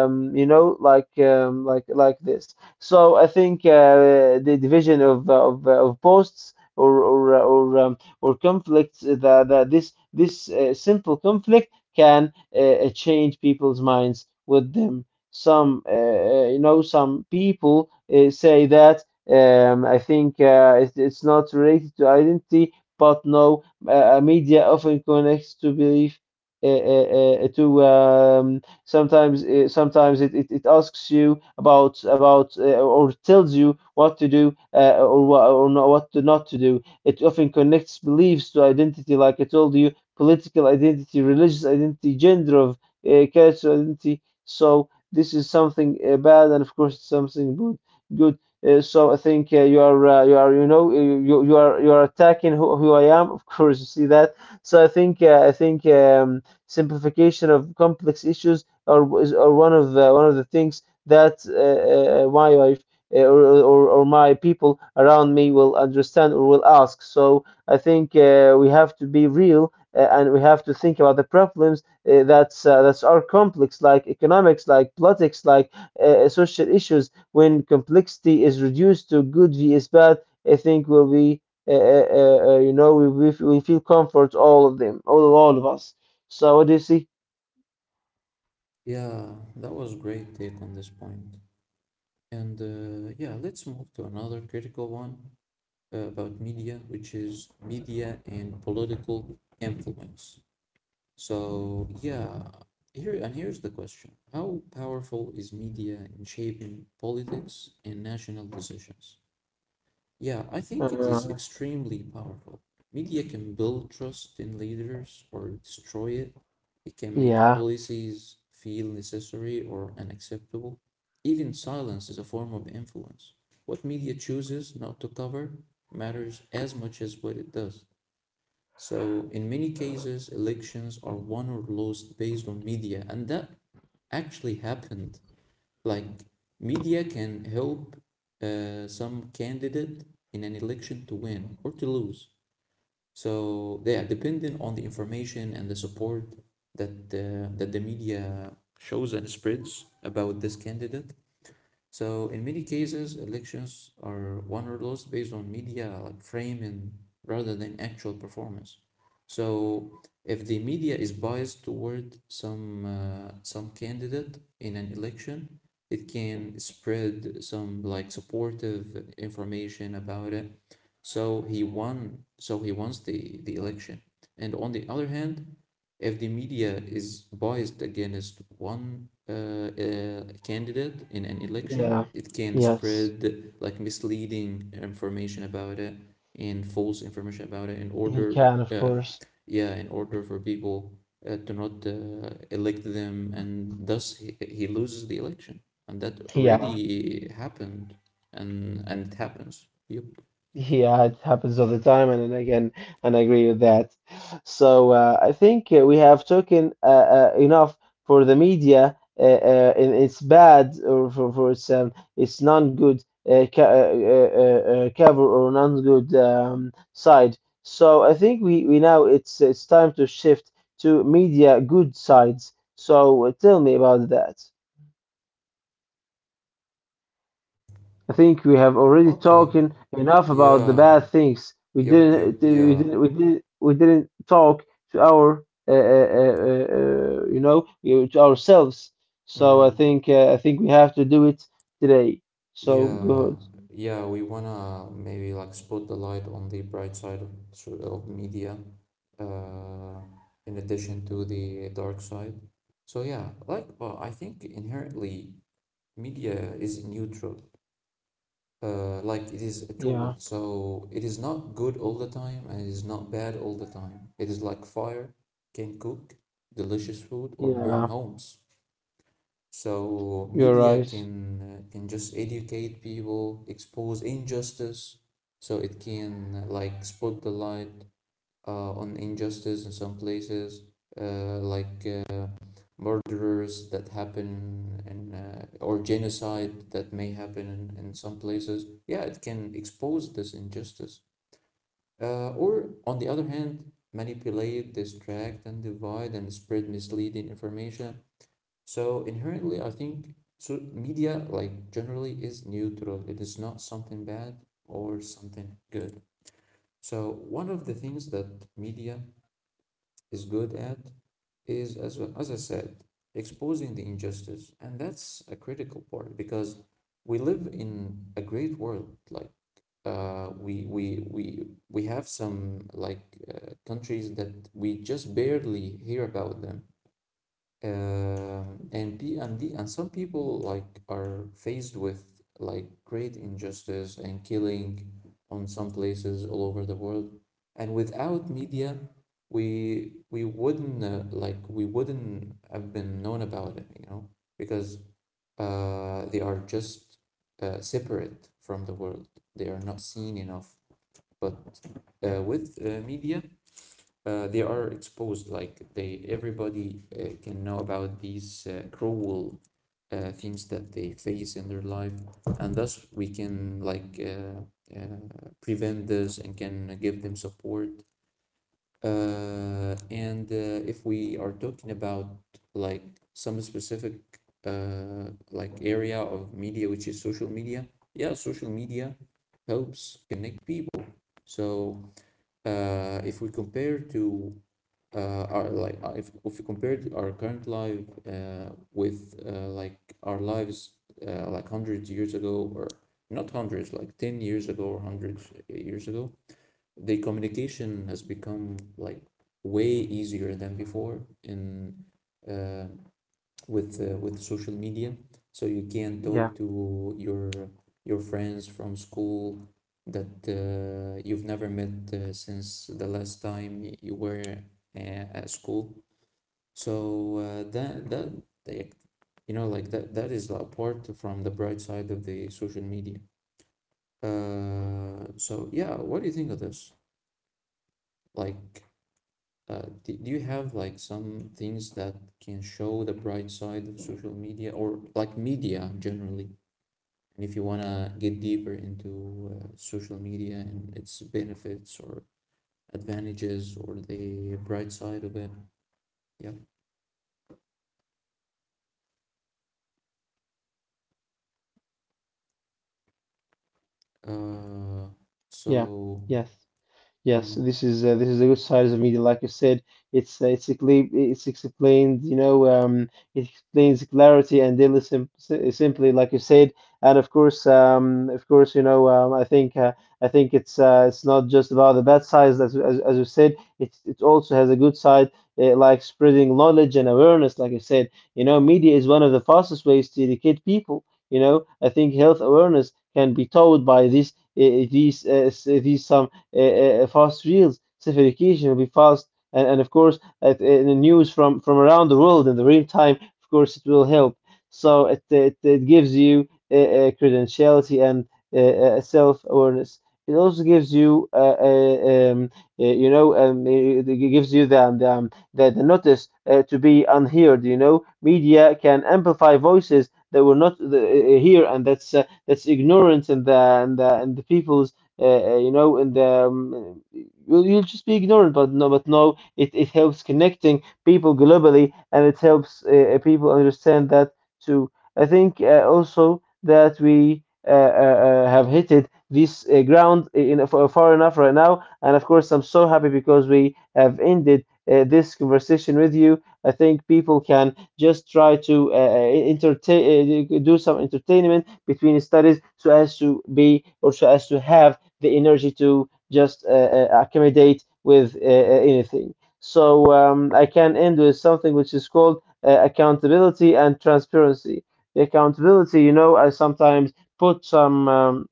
[SPEAKER 2] um, you know, like this. So I think the division of posts. Or conflicts that this simple conflict can change people's minds with them. Some people say that, I think it's not related to identity, but no, media often connects to belief. To sometimes sometimes it asks you about or tells you what to do, or not, what to not to do. It often connects beliefs to identity, like I told you, political identity, religious identity, gender of, cultural identity. So this is something bad, and of course it's something good. Good. So I think you are attacking who I am. Of course, you see that. So I think simplification of complex issues are one of the things that my wife, or my people around me will understand or will ask. So I think we have to be real, and we have to think about the problems, that's are complex, like economics, like politics, like social issues. When complexity is reduced to good vs bad, I think will be, you know, we feel comfort all of them, all of us. So what do you see?
[SPEAKER 1] Yeah, that was great take on this point. And yeah, let's move to another critical one about media, which is media and political influence. So yeah, here's the question. How powerful is media in shaping politics and national decisions? Yeah, I think it is
[SPEAKER 2] Uh,
[SPEAKER 1] extremely powerful. Media can build trust in leaders or destroy it. It can make
[SPEAKER 2] yeah,
[SPEAKER 1] policies feel necessary or unacceptable. Even silence is a form of influence. What media chooses not to cover matters as much as what it does. So in many cases, elections are won or lost based on media, and that actually happened. Like media can help some candidate in an election to win or to lose. So they are dependent on the information and the support that the media shows and spreads about this candidate. So in many cases, elections are won or lost based on media like framing rather than actual performance. So if the media is biased toward some candidate in an election, it can spread some like supportive information about it, so he won. So he wants the election. And on the other hand, if the media is biased against one candidate in an election,
[SPEAKER 2] yeah,
[SPEAKER 1] it can spread
[SPEAKER 2] yes,
[SPEAKER 1] like misleading information about it and false information about it in
[SPEAKER 2] he
[SPEAKER 1] order,
[SPEAKER 2] can, of
[SPEAKER 1] uh,
[SPEAKER 2] course.
[SPEAKER 1] yeah, in order for people to not elect them, and thus he loses the election. And that
[SPEAKER 2] Yeah.
[SPEAKER 1] already happened, and it happens. Yep.
[SPEAKER 2] Yeah, it happens all the time, and again, and I agree with that. So I think we have taken enough for the media, in its bad, or for its non-good ca cover, or non-good side. So I think, we now it's time to shift to media good sides. So tell me about that. I think we have already
[SPEAKER 1] Okay.
[SPEAKER 2] talking enough about the
[SPEAKER 1] Yeah,
[SPEAKER 2] bad things. We
[SPEAKER 1] yep, yep,
[SPEAKER 2] didn't, we
[SPEAKER 1] yeah.
[SPEAKER 2] didn't, we didn't, we didn't talk to our, to ourselves. So I
[SPEAKER 1] Mm.
[SPEAKER 2] think, uh, I think we have to do it today. So
[SPEAKER 1] Yeah,
[SPEAKER 2] good.
[SPEAKER 1] yeah, we wanna maybe like spot the light on the bright side of, of media, uh, in addition to the dark side. So yeah, like, well, I think inherently media is neutral. Like it is a tool,
[SPEAKER 2] Yeah,
[SPEAKER 1] so it is not good all the time, and it is not bad all the time. It is like fire, can cook delicious food or burn.
[SPEAKER 2] yeah,
[SPEAKER 1] So
[SPEAKER 2] you're
[SPEAKER 1] media
[SPEAKER 2] right.
[SPEAKER 1] can just educate people, expose injustice, so it can like spot the light on injustice in some places, uh, like uh, murderers that happen, and or genocide that may happen in some places. Yeah, it can expose this injustice. Or on the other hand, manipulate, distract, and divide, and spread misleading information. So inherently, I think, so media like generally is neutral. It is not something bad or something good. So one of the things that media is good at is, as well, as I said, exposing the injustice. And that's a critical part because we live in a great world. Like we have some like countries that we just barely hear about them, and P and D and some people like are faced with like great injustice and killing on some places all over the world. And without media, we wouldn't we wouldn't have been known about it, you know, because they are just separate from the world. They are not seen enough. But with media, they are exposed like they everybody can know about these cruel things that they face in their life, and thus we can prevent this and can give them support. And If we are talking about like some specific like area of media which is social media, yeah, social media helps connect people. So if we compare to our like if you compared our current life with like our lives, like hundreds years ago, or not hundreds, like 10 years ago or hundreds years ago, the communication has become like way easier than before, in uh, with social media. So you can
[SPEAKER 2] Yeah,
[SPEAKER 1] talk to your friends from school that you've never met since the last time you were at school. So that that like, you know like that that is apart from the bright side of the social media. So yeah, what do you think of this? like do, do you have like some things that can show the bright side of social media or like media generally? And if you want to get deeper into social media and its benefits or advantages or the bright side of it, yeah. Uh,
[SPEAKER 2] yeah,
[SPEAKER 1] so,
[SPEAKER 2] yes. Yes,
[SPEAKER 1] mm,
[SPEAKER 2] this is a good side of media. Like you said, it's explained, it's explained. It explains clarity and daily, simply, like you said. And of course, I think it's not just about the bad sides, as you said. It also has a good side, like spreading knowledge and awareness. Like I said, you know, media is one of the fastest ways to educate people. You know, I think health awareness can be taught by this uh, these s- these some uh, uh, fast reels. Verification will be fast, and of course, the news from around the world in the real time, of course, it will help. So it gives you credentiality and self-awareness. It also gives you, you know, it gives you the notice to be unheard. You know, media can amplify voices that were not here, and that's ignorance in the people's, you know, and you'll just be ignorant. But no, it helps connecting people globally, and it helps people understand that too. I think also that we have hit it this ground in, far enough right now, and of course, I'm so happy because we have ended. This conversation with you, I think people can just try to entertain, do some entertainment between studies, so as to be, or so as to have the energy to just accommodate with anything. So I can end with something which is called accountability and transparency. The accountability, you know, I sometimes put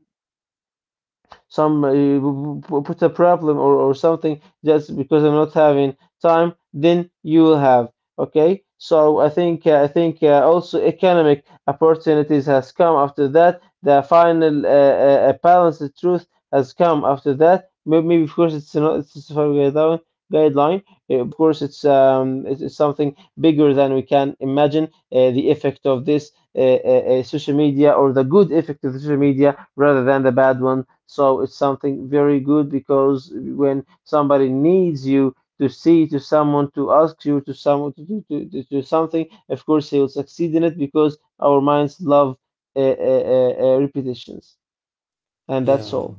[SPEAKER 2] some put a problem, or something, just because I'm not having time, then you will have. Okay, so I think also economic opportunities has come after that. The final balance, the truth has come after that. Maybe, of course, it's not, it's a guideline. Of course, it's something bigger than we can imagine. The effect of this social media, or the good effect of the social media, rather than the bad one. So it's something very good because when somebody needs you to see to someone, to ask you to someone, to do something, of course he will succeed in it because our minds love repetitions, and that's
[SPEAKER 1] yeah,
[SPEAKER 2] all.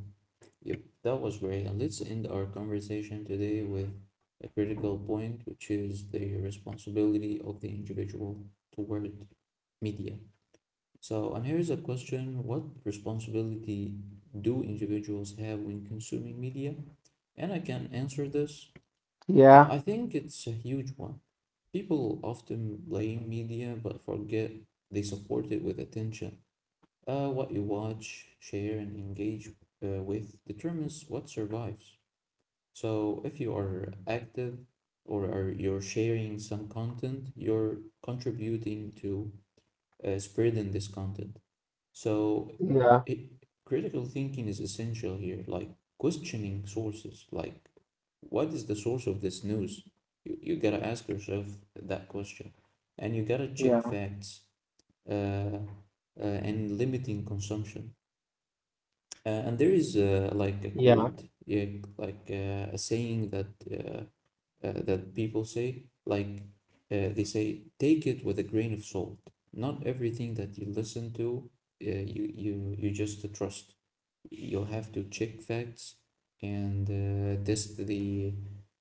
[SPEAKER 1] yep, that was great. And let's end our conversation today with a critical point, which is the responsibility of the individual toward media. So, and here's a question: what responsibility do individuals have when consuming media? And I can answer this.
[SPEAKER 2] Yeah,
[SPEAKER 1] I think it's a huge one. People often blame media but forget they support it with attention. What you watch, share, and engage with determines what survives. So if you are active, or are you're sharing some content, you're contributing to spreading this content. So
[SPEAKER 2] yeah,
[SPEAKER 1] critical thinking is essential here, like questioning sources. Like, what is the source of this news? You gotta ask yourself that question, and you gotta check
[SPEAKER 2] yeah,
[SPEAKER 1] facts. uh, uh, and limiting consumption. And there is like a
[SPEAKER 2] yeah,
[SPEAKER 1] quote, yeah, like a saying that uh, that people say, like they say, take it with a grain of salt. Not everything that you listen to, you just trust. You'll have to check facts and test the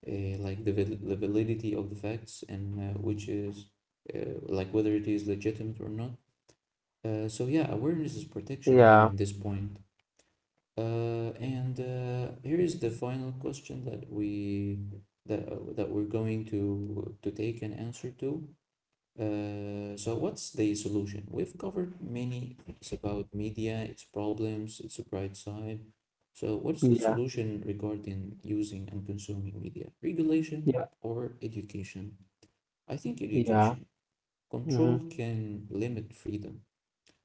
[SPEAKER 1] uh, like the, the validity of the facts, and which is like whether it is legitimate or not. So yeah, awareness is protection here
[SPEAKER 2] yeah,
[SPEAKER 1] at this point. And Here is the final question that we that that we're going to take an answer to. So what's the solution? We've covered many things about media, its problems, its bright side. So what's the
[SPEAKER 2] yeah,
[SPEAKER 1] solution regarding using and consuming media?
[SPEAKER 2] yeah,
[SPEAKER 1] Regulation, education. I think
[SPEAKER 2] yeah,
[SPEAKER 1] education.
[SPEAKER 2] hmm,
[SPEAKER 1] Control can limit freedom.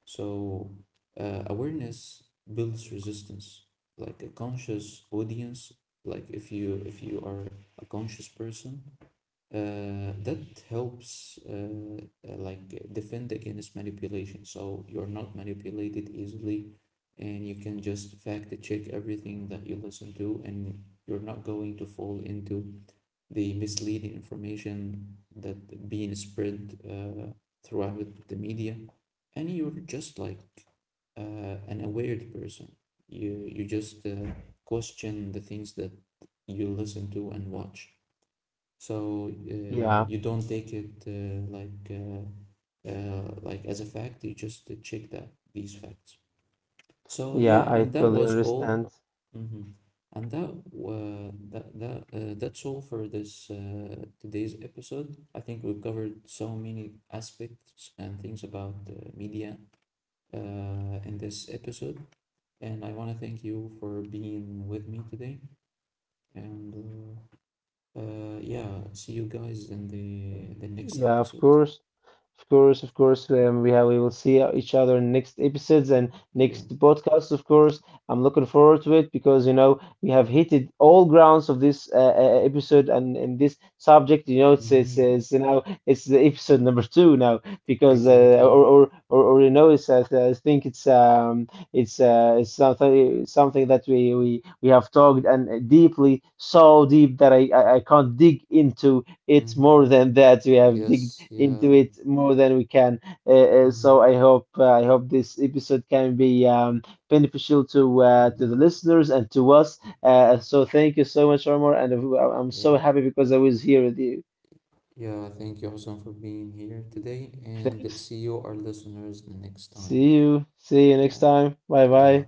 [SPEAKER 1] So, awareness builds resistance. Like a conscious audience, like if you are a conscious person, that helps like defend against manipulation. So you're not manipulated easily, and you can just fact check everything that you listen to, and you're not going to fall into the misleading information that being spread throughout the media, and you're just like an aware person. You just question the things that you listen to and watch. So
[SPEAKER 2] yeah,
[SPEAKER 1] you don't take it like as a fact. You just check that these facts. So
[SPEAKER 2] yeah.
[SPEAKER 1] yeah,
[SPEAKER 2] I
[SPEAKER 1] that
[SPEAKER 2] totally
[SPEAKER 1] was all.
[SPEAKER 2] understand.
[SPEAKER 1] Mhm. And that's all for this today's episode. I think we covered so many aspects and things about media in this episode, and I want to thank you for being with me today. And Yeah, see you guys in the next
[SPEAKER 2] Yeah, of
[SPEAKER 1] episode.
[SPEAKER 2] course. Of course, of course. We have we will see each other in next episodes and
[SPEAKER 1] Yeah.
[SPEAKER 2] next podcasts, of course. I'm looking forward to it because you know we have hitted all grounds of this episode and in this subject. You know, it's it's,
[SPEAKER 1] Hmm.
[SPEAKER 2] it's you know it's the episode number two now, because uh,
[SPEAKER 1] Exactly.
[SPEAKER 2] or, or or or you know, it's I think it's something that we have talked, and deeply so deep that I can't dig into. It's
[SPEAKER 1] Hmm.
[SPEAKER 2] more than that. We have digged
[SPEAKER 1] Yes. Yeah.
[SPEAKER 2] into it more than we can. So
[SPEAKER 1] Hmm.
[SPEAKER 2] I hope this episode can be beneficial to
[SPEAKER 1] Hmm.
[SPEAKER 2] the listeners and to us. So thank you so much, Omar, and I'm so
[SPEAKER 1] Yeah.
[SPEAKER 2] happy because I was here with you.
[SPEAKER 1] Yeah. Thank you, Hassan, for being here today, and
[SPEAKER 2] Thanks.
[SPEAKER 1] see you, our listeners, the next time.
[SPEAKER 2] See you. See you
[SPEAKER 1] Yeah.
[SPEAKER 2] next time. Bye
[SPEAKER 1] Yeah.
[SPEAKER 2] bye.